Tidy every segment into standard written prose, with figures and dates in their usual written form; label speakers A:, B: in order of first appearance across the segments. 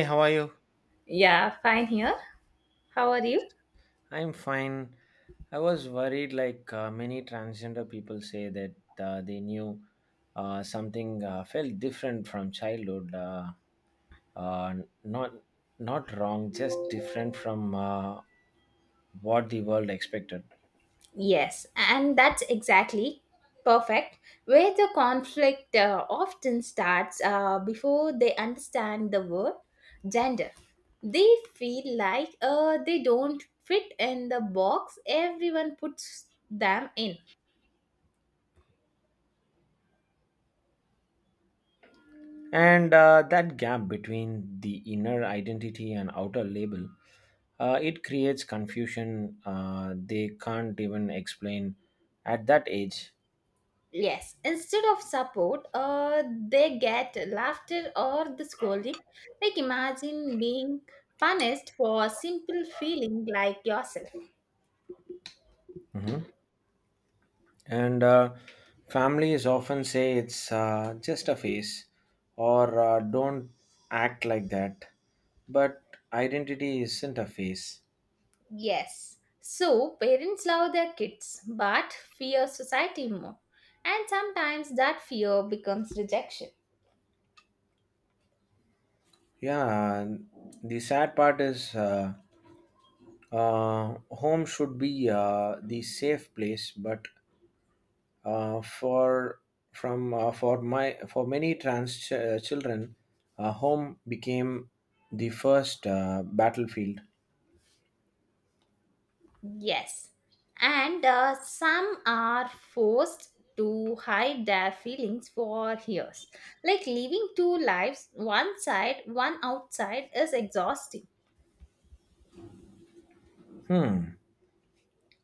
A: Hey, how are you?
B: Yeah, fine here. How are you?
A: I'm fine. I was worried, like many transgender people say that they knew something felt different from childhood. Uh, not not wrong, just different from what the world expected.
B: Yes, and that's exactly perfect where the conflict often starts before they understand the word gender. They feel like they don't fit in the box everyone puts them in.
A: And that gap between the inner identity and outer label, it creates confusion. They can't even explain at that age.
B: Yes, instead of support, they get laughter or the scolding. Like imagine being punished for a simple feeling like yourself.
A: Mhm. And families often say it's just a phase or don't act like that, but identity isn't a phase.
B: Yes. So parents love their kids but fear society more. And sometimes that fear becomes rejection.
A: Yeah, the sad part is, home should be the safe place, but for from for my for many trans children, home became the first battlefield.
B: Yes. And some are forced to hide their feelings for years. Like living two lives, one side, one outside, is exhausting.
A: Hmm.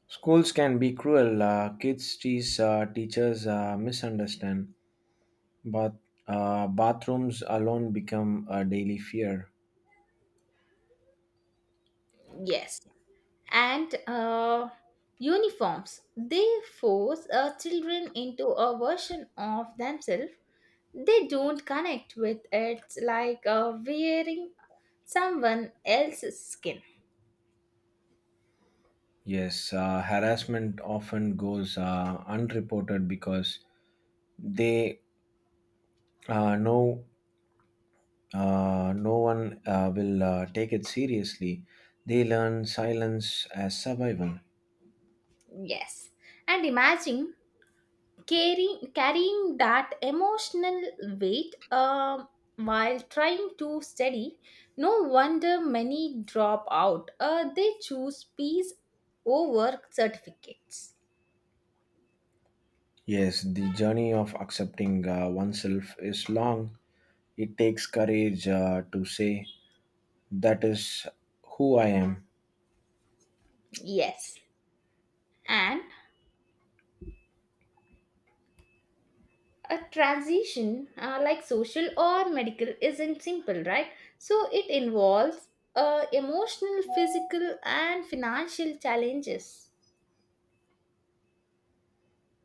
A: Schools can be cruel. Kids tease, teachers misunderstand, but bathrooms alone become a daily fear.
B: Yes. And uniforms, they force children into a version of themselves they don't connect with it, like wearing someone else's skin.
A: Yes, harassment often goes unreported because they know no one will take it seriously. They learn silence as survival.
B: Yes, and imagine carrying that emotional weight while trying to study. No wonder many drop out. They choose peace over certificates.
A: Yes, the journey of accepting oneself is long. It takes courage to say, That is who I am.
B: Yes, and a transition, like social or medical, isn't simple, right? So it involves emotional, physical, and financial challenges.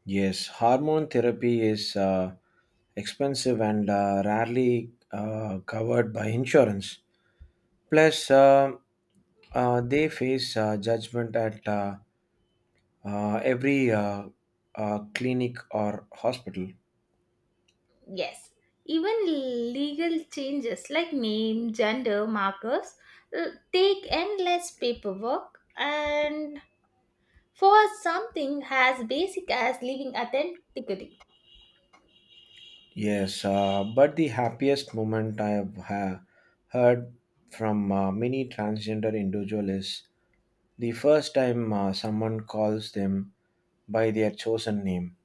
A: Yes, hormone therapy is expensive and rarely covered by insurance. Plus, they face judgment at, every clinic or hospital.
B: Yes, even legal changes like name, gender markers take endless paperwork, and for something as basic as living authentically.
A: Yes, but the happiest moment I have heard from many transgender individual is the first time someone calls them by their chosen name.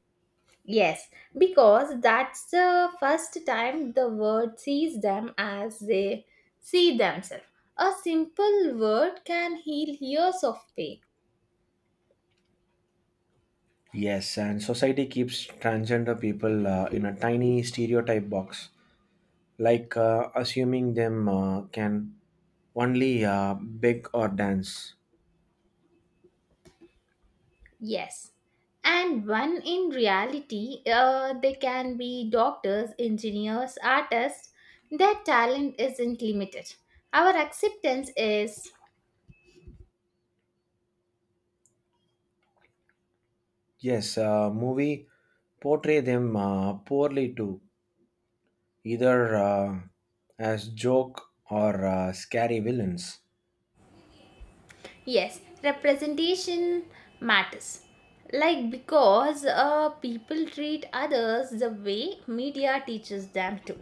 B: Yes, because that's the first time the world sees them as they see themselves. A simple word can heal years of pain.
A: Yes, and society keeps transgender people in a tiny stereotype box, like assuming them can only beg or dance.
B: Yes. And when in reality, they can be doctors, engineers, artists, their talent isn't limited. Our acceptance is.
A: Yes, movie portray them poorly too, either as joke or scary villains.
B: Yes, representation matters. Like, because people treat others the way media teaches them to.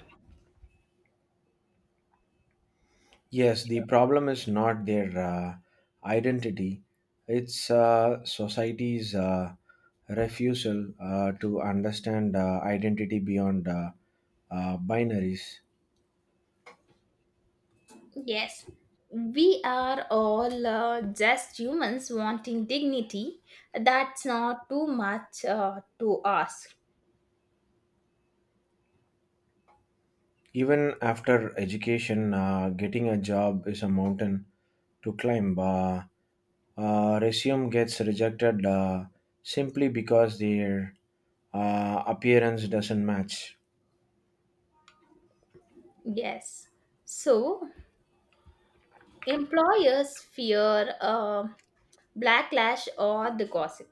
A: Yes, the problem is not their identity, it's society's refusal to understand identity beyond, binaries.
B: Yes, we are all just humans wanting dignity. That's not too much to ask.
A: Even after education, getting a job is a mountain to climb. Resume gets rejected simply because their appearance doesn't match.
B: Yes. So, employers fear backlash or the gossip.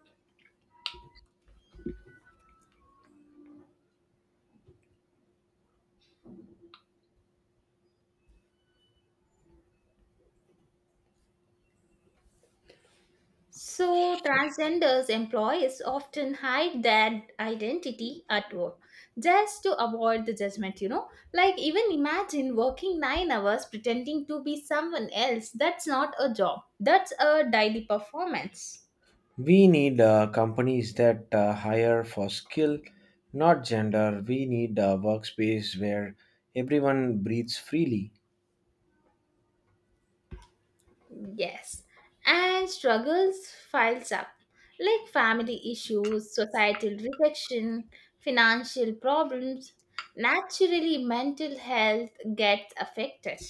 B: So, transgenders employees often hide their identity at work just to avoid the judgment. Like, even imagine working 9 hours pretending to be someone else. That's not a job, that's a daily performance.
A: We need companies that hire for skill, not gender. We need a workspace where everyone breathes freely.
B: Yes. And struggles files up, like family issues, societal rejection, financial problems. Naturally, mental health gets affected.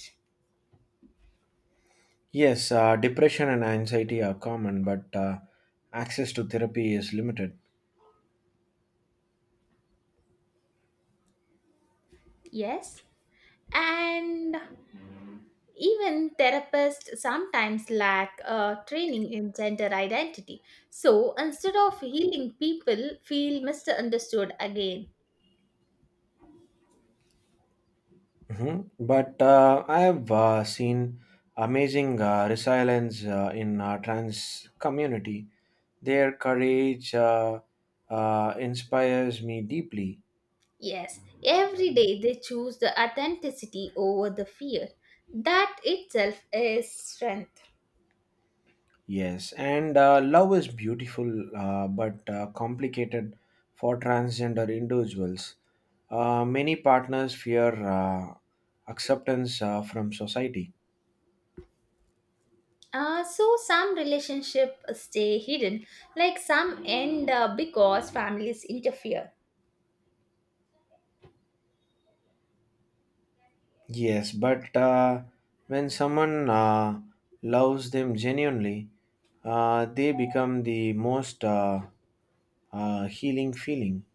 A: Yes, depression and anxiety are common, but access to therapy is limited.
B: Yes. And even therapists sometimes lack training in gender identity. So instead of healing, people feel misunderstood again.
A: Hmm. But I have seen amazing resilience in trans community. Their courage inspires me deeply.
B: Yes, every day they choose the authenticity over the fear. That itself is strength.
A: Yes, and love is beautiful but complicated for transgender individuals. Many partners fear acceptance from society.
B: So some relationships stay hidden, like some end because families interfere.
A: Yes, but when someone loves them genuinely, they become the most, healing feeling.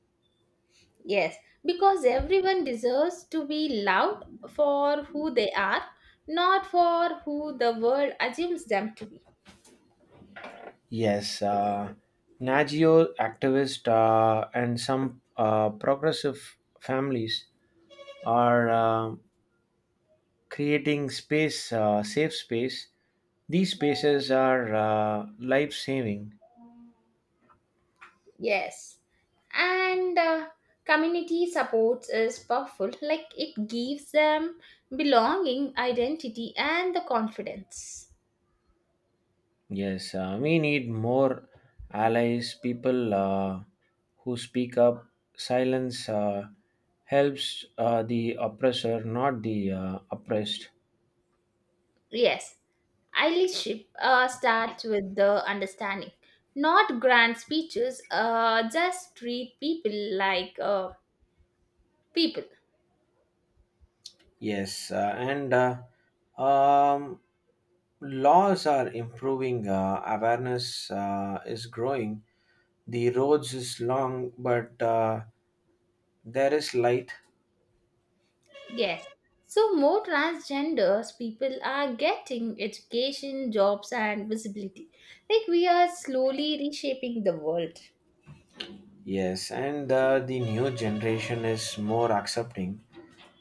B: Yes, because everyone deserves to be loved for who they are, not for who the world assumes them to be.
A: Yes, Nagio activist and some progressive families are creating space, safe space. These spaces are life saving.
B: Yes, and community support is powerful, like it gives them belonging, identity, and the confidence.
A: Yes, we need more allies, people who speak up. Silence helps the oppressor, not the oppressed.
B: Yes, allyship starts with the understanding, not grand speeches, just treat people like people.
A: Yes, and um, laws are improving, awareness is growing. The roads is long, but there is light.
B: Yes. So more transgenders people are getting education, jobs and visibility. Like we are slowly reshaping the world.
A: Yes, and the new generation is more accepting.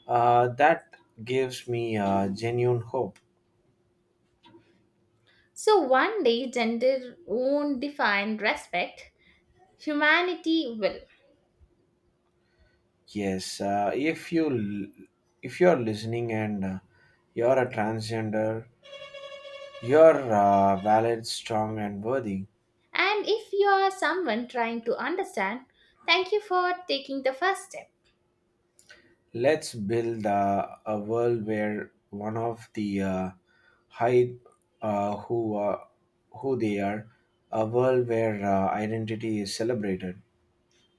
A: That gives me genuine hope.
B: So one day gender won't define respect, humanity will.
A: Yes, if you l- if you are listening and you are a transgender, you are valid, strong, and worthy.
B: And if you are someone trying to understand, thank you for taking the first step.
A: Let's build a world where one of the hide, uh, who uh, who they are, a world where identity is celebrated.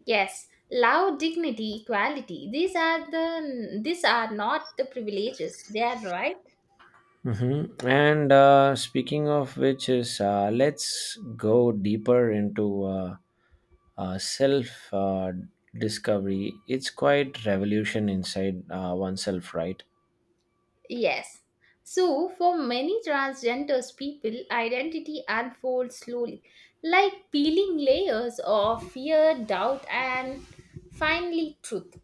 B: Yes, love, dignity, equality. These are not the privileges. They are right.
A: Mm-hmm. And speaking of which is, let's go deeper into, self discovery. It's quite revolution inside oneself, right?
B: Yes. So, for many transgenders people, identity unfolds slowly, like peeling layers of fear, doubt, and finally truth.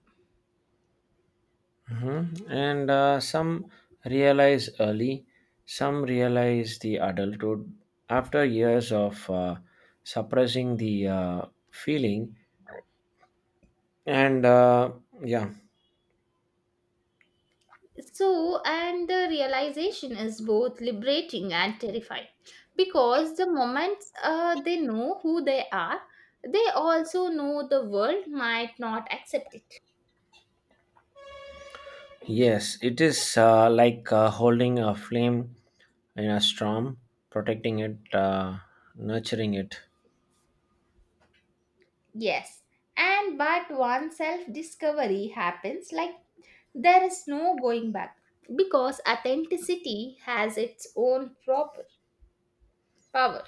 A: Mm-hmm. And some realize early, some realize the adulthood after years of suppressing the feeling. And yeah.
B: So, and the realization is both liberating and terrifying because the moment they know who they are, they also know the world might not accept it.
A: Yes, it is like holding a flame in a storm, protecting it, nurturing it.
B: Yes. And but one self discovery happens, like there is no going back because authenticity has its own proper power.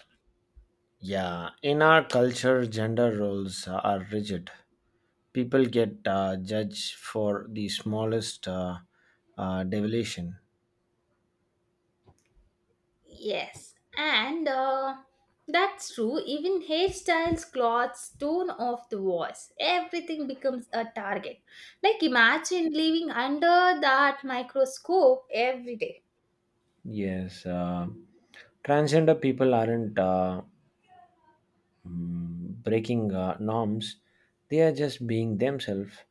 A: Yeah, in our culture, gender roles are rigid. People get judged for the smallest, deviation.
B: Yes, and that's true. Even hairstyles, clothes, tone of the voice, everything becomes a target. Like imagine living under that microscope every day.
A: Yes, transgender people aren't mm, breaking norms, they are just being themselves.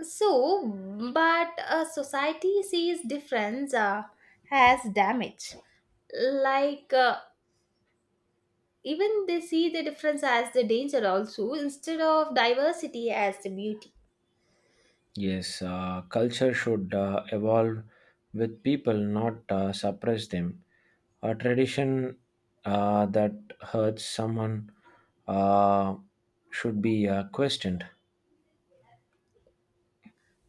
B: So, but a society sees difference as damage, like even they see the difference as the danger also instead of diversity as the beauty.
A: Yes, culture should evolve with people, not suppress them. A tradition that hurts someone uh, should be questioned.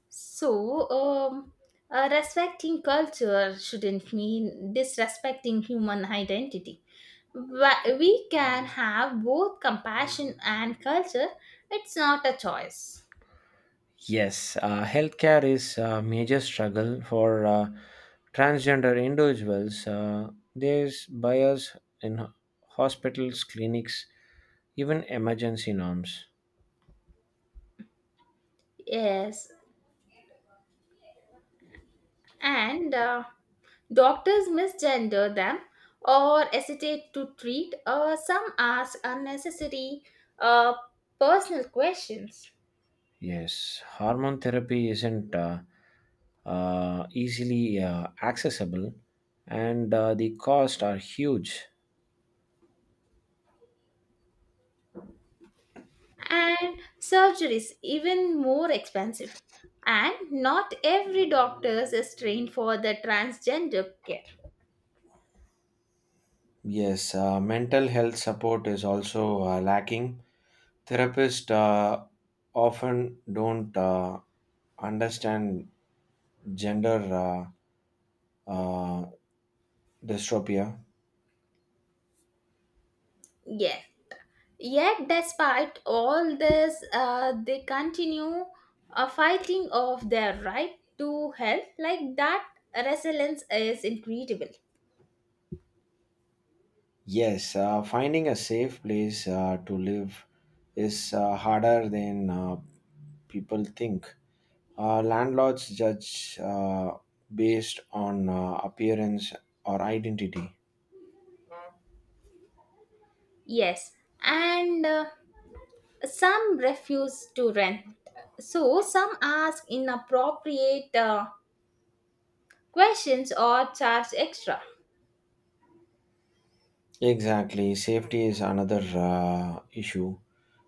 B: So, respecting culture shouldn't mean disrespecting human identity. We can have both compassion and culture. It's not a choice.
A: Yes, healthcare is a major struggle for transgender individuals. There's bias in hospitals, clinics, even emergency norms.
B: Yes, and doctors misgender them or hesitate to treat, or some ask unnecessary uh, personal questions.
A: Yes, hormone therapy isn't easily accessible, and the costs are huge.
B: And surgeries even more expensive, and not every doctor is trained for the transgender care.
A: Yes, mental health support is also lacking. Therapists often don't understand gender, uh, uh, dystropia.
B: Yes, yet despite all this, they continue fighting of their right to health. Like that resilience is incredible.
A: Yes, finding a safe place to live is harder than people think. Landlords judge based on appearance or identity.
B: Yes, and some refuse to rent, so some ask inappropriate questions or charge extra.
A: Exactly, safety is another issue.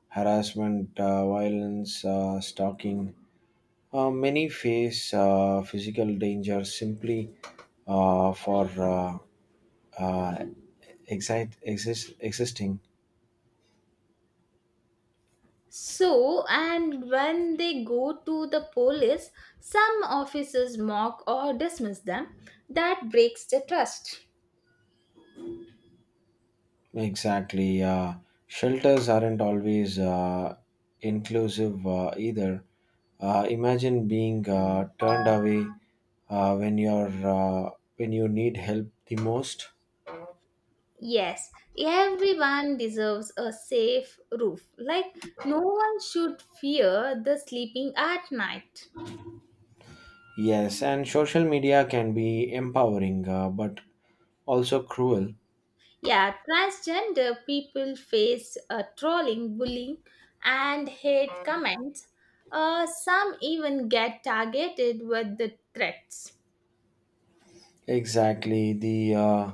A: Harassment, violence, stalking. Many face physical danger simply for uh, existing.
B: So, and when they go to the police, some officers mock or dismiss them. That breaks the trust.
A: Exactly. Shelters aren't always inclusive either. Imagine being turned away when you're when you need help the most.
B: Yes, everyone deserves a safe roof. Like, no one should fear the sleeping at night.
A: Yes, and social media can be empowering, but also cruel.
B: Yeah, transgender people face trolling, bullying, and hate comments. Some even get targeted with the threats.
A: Exactly. The uh,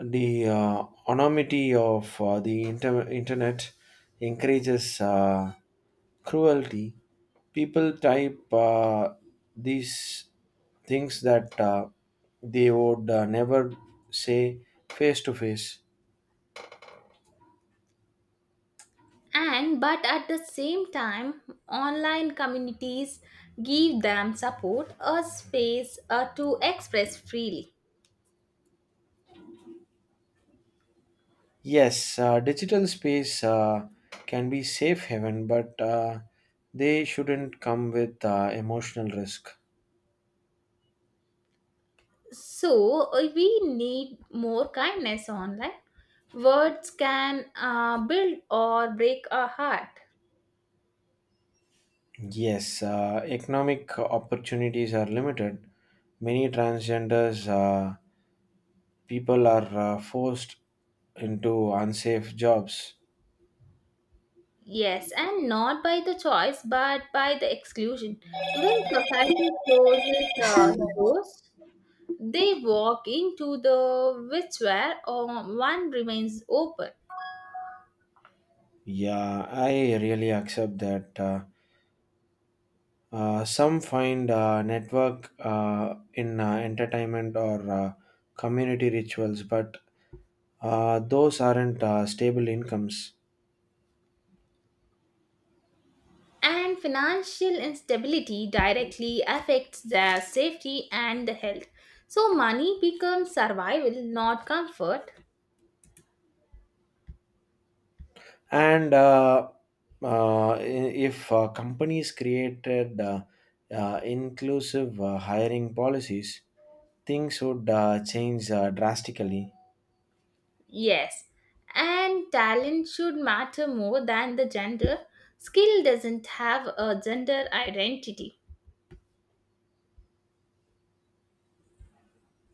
A: the uh, anonymity of the internet encourages cruelty. People type these things that they would never say face to face.
B: And but at the same time online communities give them support, a space to express freely.
A: Yes, digital space can be safe haven, but they shouldn't come with emotional risk.
B: So we need more kindness online. Words can build or break a heart.
A: Yes, economic opportunities are limited. Many transgenders people are forced into unsafe jobs.
B: Yes, and not by the choice but by the exclusion. When society closes doors, they walk into the which where one remains open.
A: Yeah, I really accept that. Some find network in entertainment or community rituals, but those aren't stable incomes.
B: And financial instability directly affects their safety and health. So, money becomes survival, not comfort.
A: And uh, uh, i- if companies created inclusive hiring policies, things would change drastically.
B: Yes, and talent should matter more than the gender. Skill doesn't have a gender identity.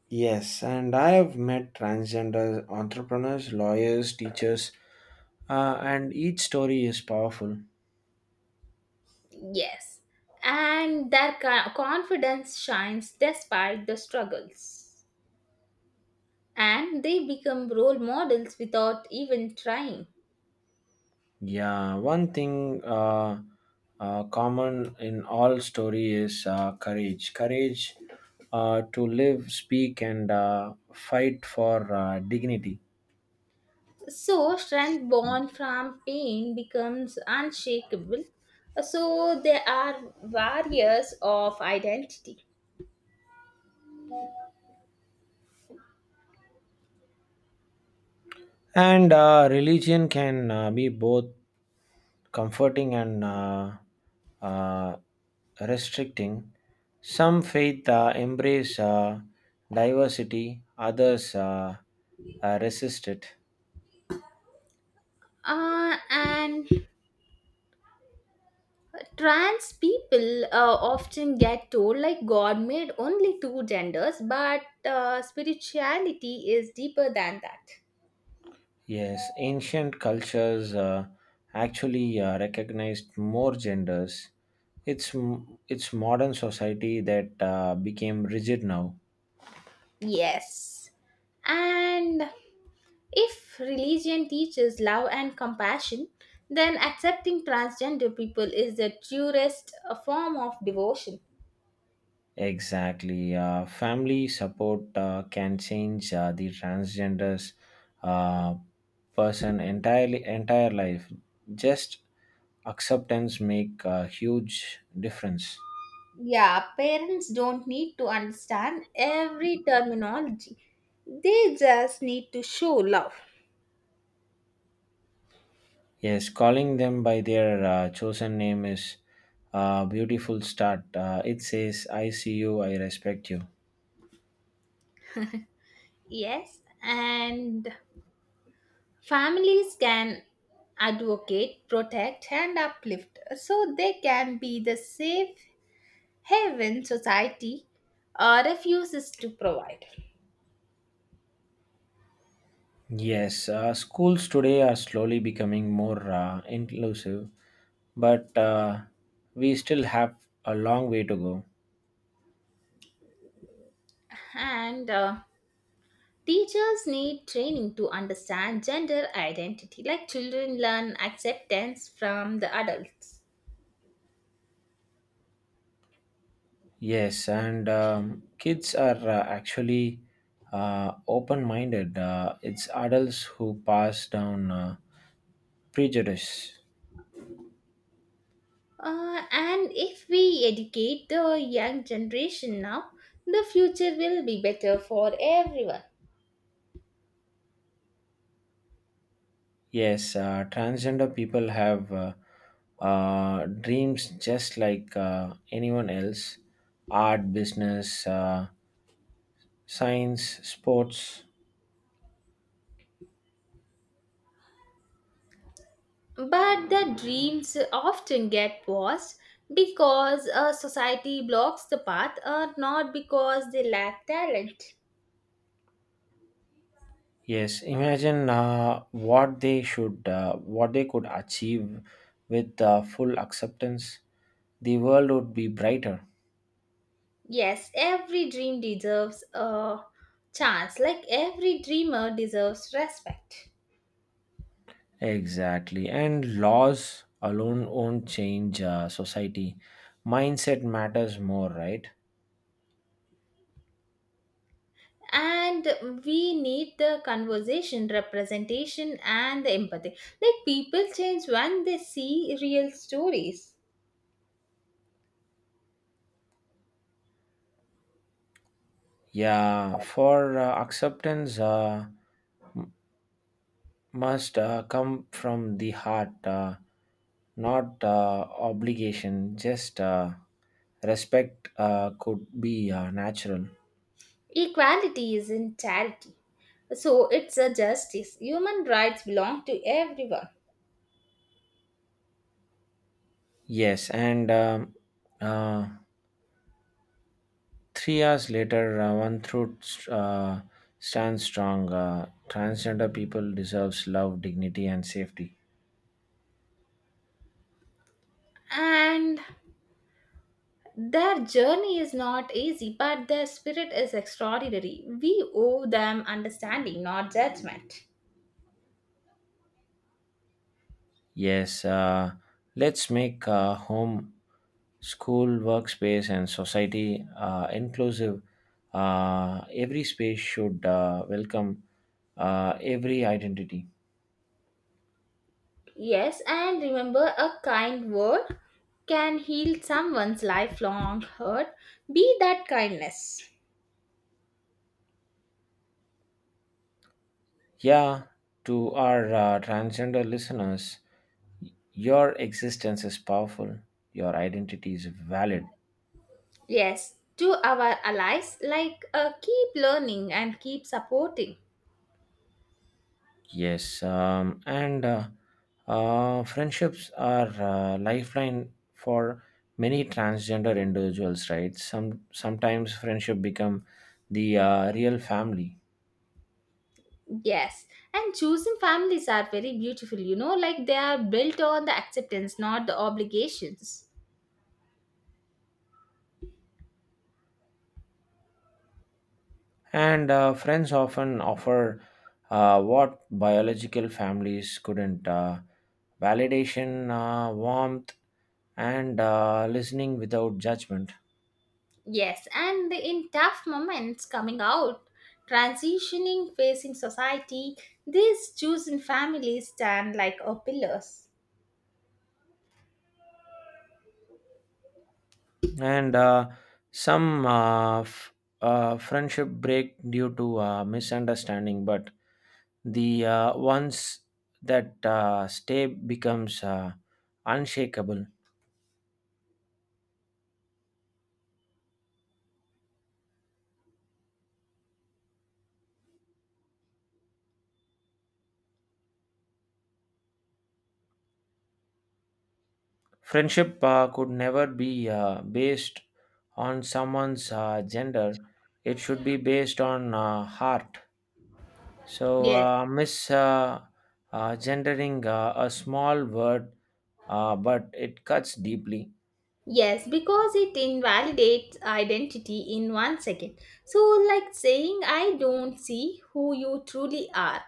A: Yes, and I have met transgender entrepreneurs, lawyers, teachers, and each story is powerful.
B: Yes, and their confidence shines despite the struggles, and they become role models without even trying.
A: Yeah, one thing common in all story is courage. Courage to live, speak, and fight for dignity.
B: So, strength born from pain becomes unshakable. So, there are barriers of identity.
A: And religion can be both comforting and, uh, restricting. Some faith embrace diversity, others resist it.
B: And trans people often get told, like, God made only two genders, but spirituality is deeper than that.
A: Yes, ancient cultures actually recognized more genders. It's it's modern society that became rigid now.
B: Yes. And if religion teaches love and compassion, then accepting transgender people is the truest form of devotion.
A: Exactly, family support can change the transgenders uh, person entire life. Just acceptance make a huge difference.
B: Yeah, parents don't need to understand every terminology. They just need to show love.
A: Yes, calling them by their chosen name is a beautiful start. It says, I see you, I respect you.
B: Yes, and families can advocate, protect, and uplift, so they can be the safe heaven society refuses to provide.
A: Yes, schools today are slowly becoming more inclusive, but we still have a long way to go.
B: And teachers need training to understand gender identity, like children learn acceptance from the adults.
A: Yes, and kids are actually open minded. It's adults who pass down prejudice.
B: And if we educate the young generation now, the future will be better for everyone.
A: Yes, transgender people have dreams just like anyone else: art, business, science, sports.
B: But the dreams often get paused because a society blocks the path, or not because they lack talent.
A: Yes, imagine what they could achieve with full acceptance. The world would be brighter.
B: Yes, every dream deserves a chance. Like every dreamer deserves respect.
A: Exactly. And laws alone won't change society. Mindset matters more, right?
B: And we need the conversation, representation, and the empathy. Like people change when they see real stories.
A: Yeah, for acceptance, m- must come from the heart, not obligation. Just respect could be natural.
B: Equality is in charity. So it's a justice. Human rights belong to everyone.
A: Yes, and uh, 3 years later, one truth stands strong. Transgender people deserves love, dignity, and safety.
B: And their journey is not easy, but their spirit is extraordinary. We owe them understanding, not judgment.
A: Yes, let's make home, school, workspace, and society inclusive. Every space should welcome every identity.
B: Yes, and remember, a kind word can heal someone's lifelong hurt. Be that kindness.
A: Yeah, to our transgender listeners, your existence is powerful, your identity is valid.
B: Yes, to our allies, like keep learning and keep supporting.
A: Yes, and friendships are lifeline for many transgender individuals, right? Sometimes friendship become the real family,
B: Yes, and choosing families are very beautiful, like they are built on the acceptance, not the obligations.
A: and friends often offer what biological families couldn't: validation, warmth, and listening without judgment.
B: Yes, and in tough moments, coming out, transitioning, facing society, these chosen families stand like a pillars.
A: And some friendship break due to misunderstanding, but the ones that stay becomes unshakable. Friendship could never be based on someone's gender. It should be based on heart. So
B: Yes.
A: mis gendering, a small word, but it cuts deeply.
B: Yes, because it invalidates identity in one second. So, like saying, I don't see who you truly are.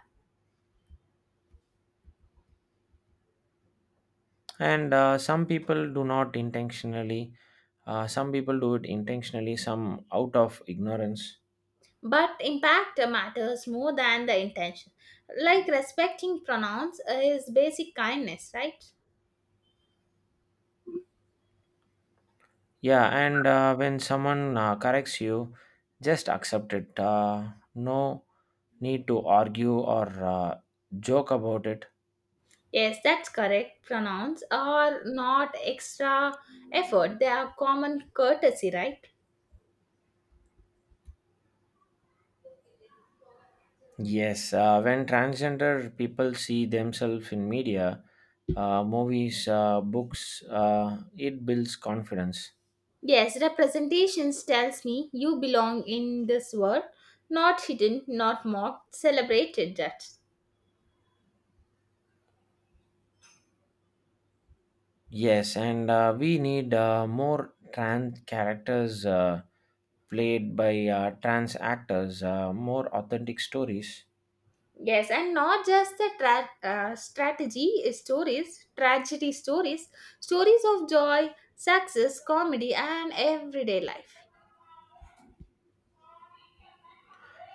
A: And some people do not intentionally some people do it intentionally, some out of ignorance.
B: But impact matters more than the intention. Like respecting pronouns is basic kindness, right?
A: Yeah, and when someone corrects you, just accept it. No need to argue or joke about it.
B: Yes, that's correct. Pronouns are not extra effort, they are common courtesy, right?
A: Yes, when transgender people see themselves in media, movies, books, it builds confidence.
B: Yes, representations tells me you belong in this world, not hidden, not mocked, celebrated, that.
A: Yes, and we need more trans characters played by trans actors, more authentic stories.
B: Yes, and not just the strategy stories, tragedy stories, stories of joy, success, comedy, and everyday life.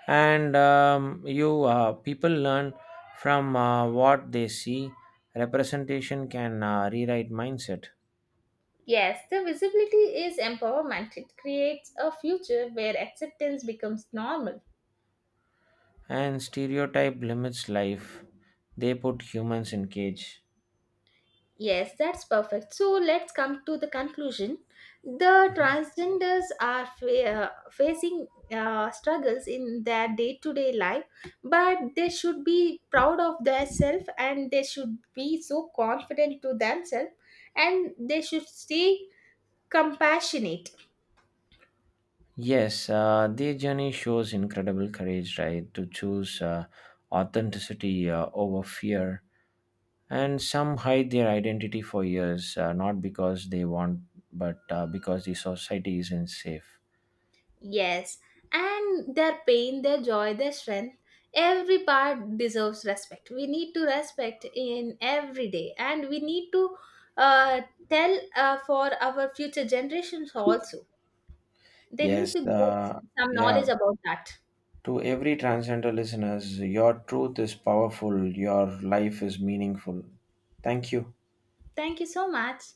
A: And you people learn from what they see. Representation can rewrite mindset,
B: Yes, the visibility is empowerment. It creates a future where acceptance becomes normal.
A: and stereotype limits life. They put humans in cage.
B: Yes, that's perfect. So let's come to the conclusion. The
A: Mhm.
B: transgenders are facing struggles in their day to day life, but they should be proud of themselves, and they should be so confident to themselves, and they should stay compassionate.
A: Yes, their journey shows incredible courage, right? To choose authenticity over fear. And some hide their identity for years, not because they want but because the society isn't safe.
B: Yes, and their pain, their joy, their strength, every part deserves respect. We need to respect in every day, and we need to uh, tell for our future generations also. They need to
A: Yes. uh,
B: get some
A: yeah
B: knowledge about that.
A: to every transgender listeners, your truth is powerful, your life is meaningful. Thank you.
B: Thank you so much.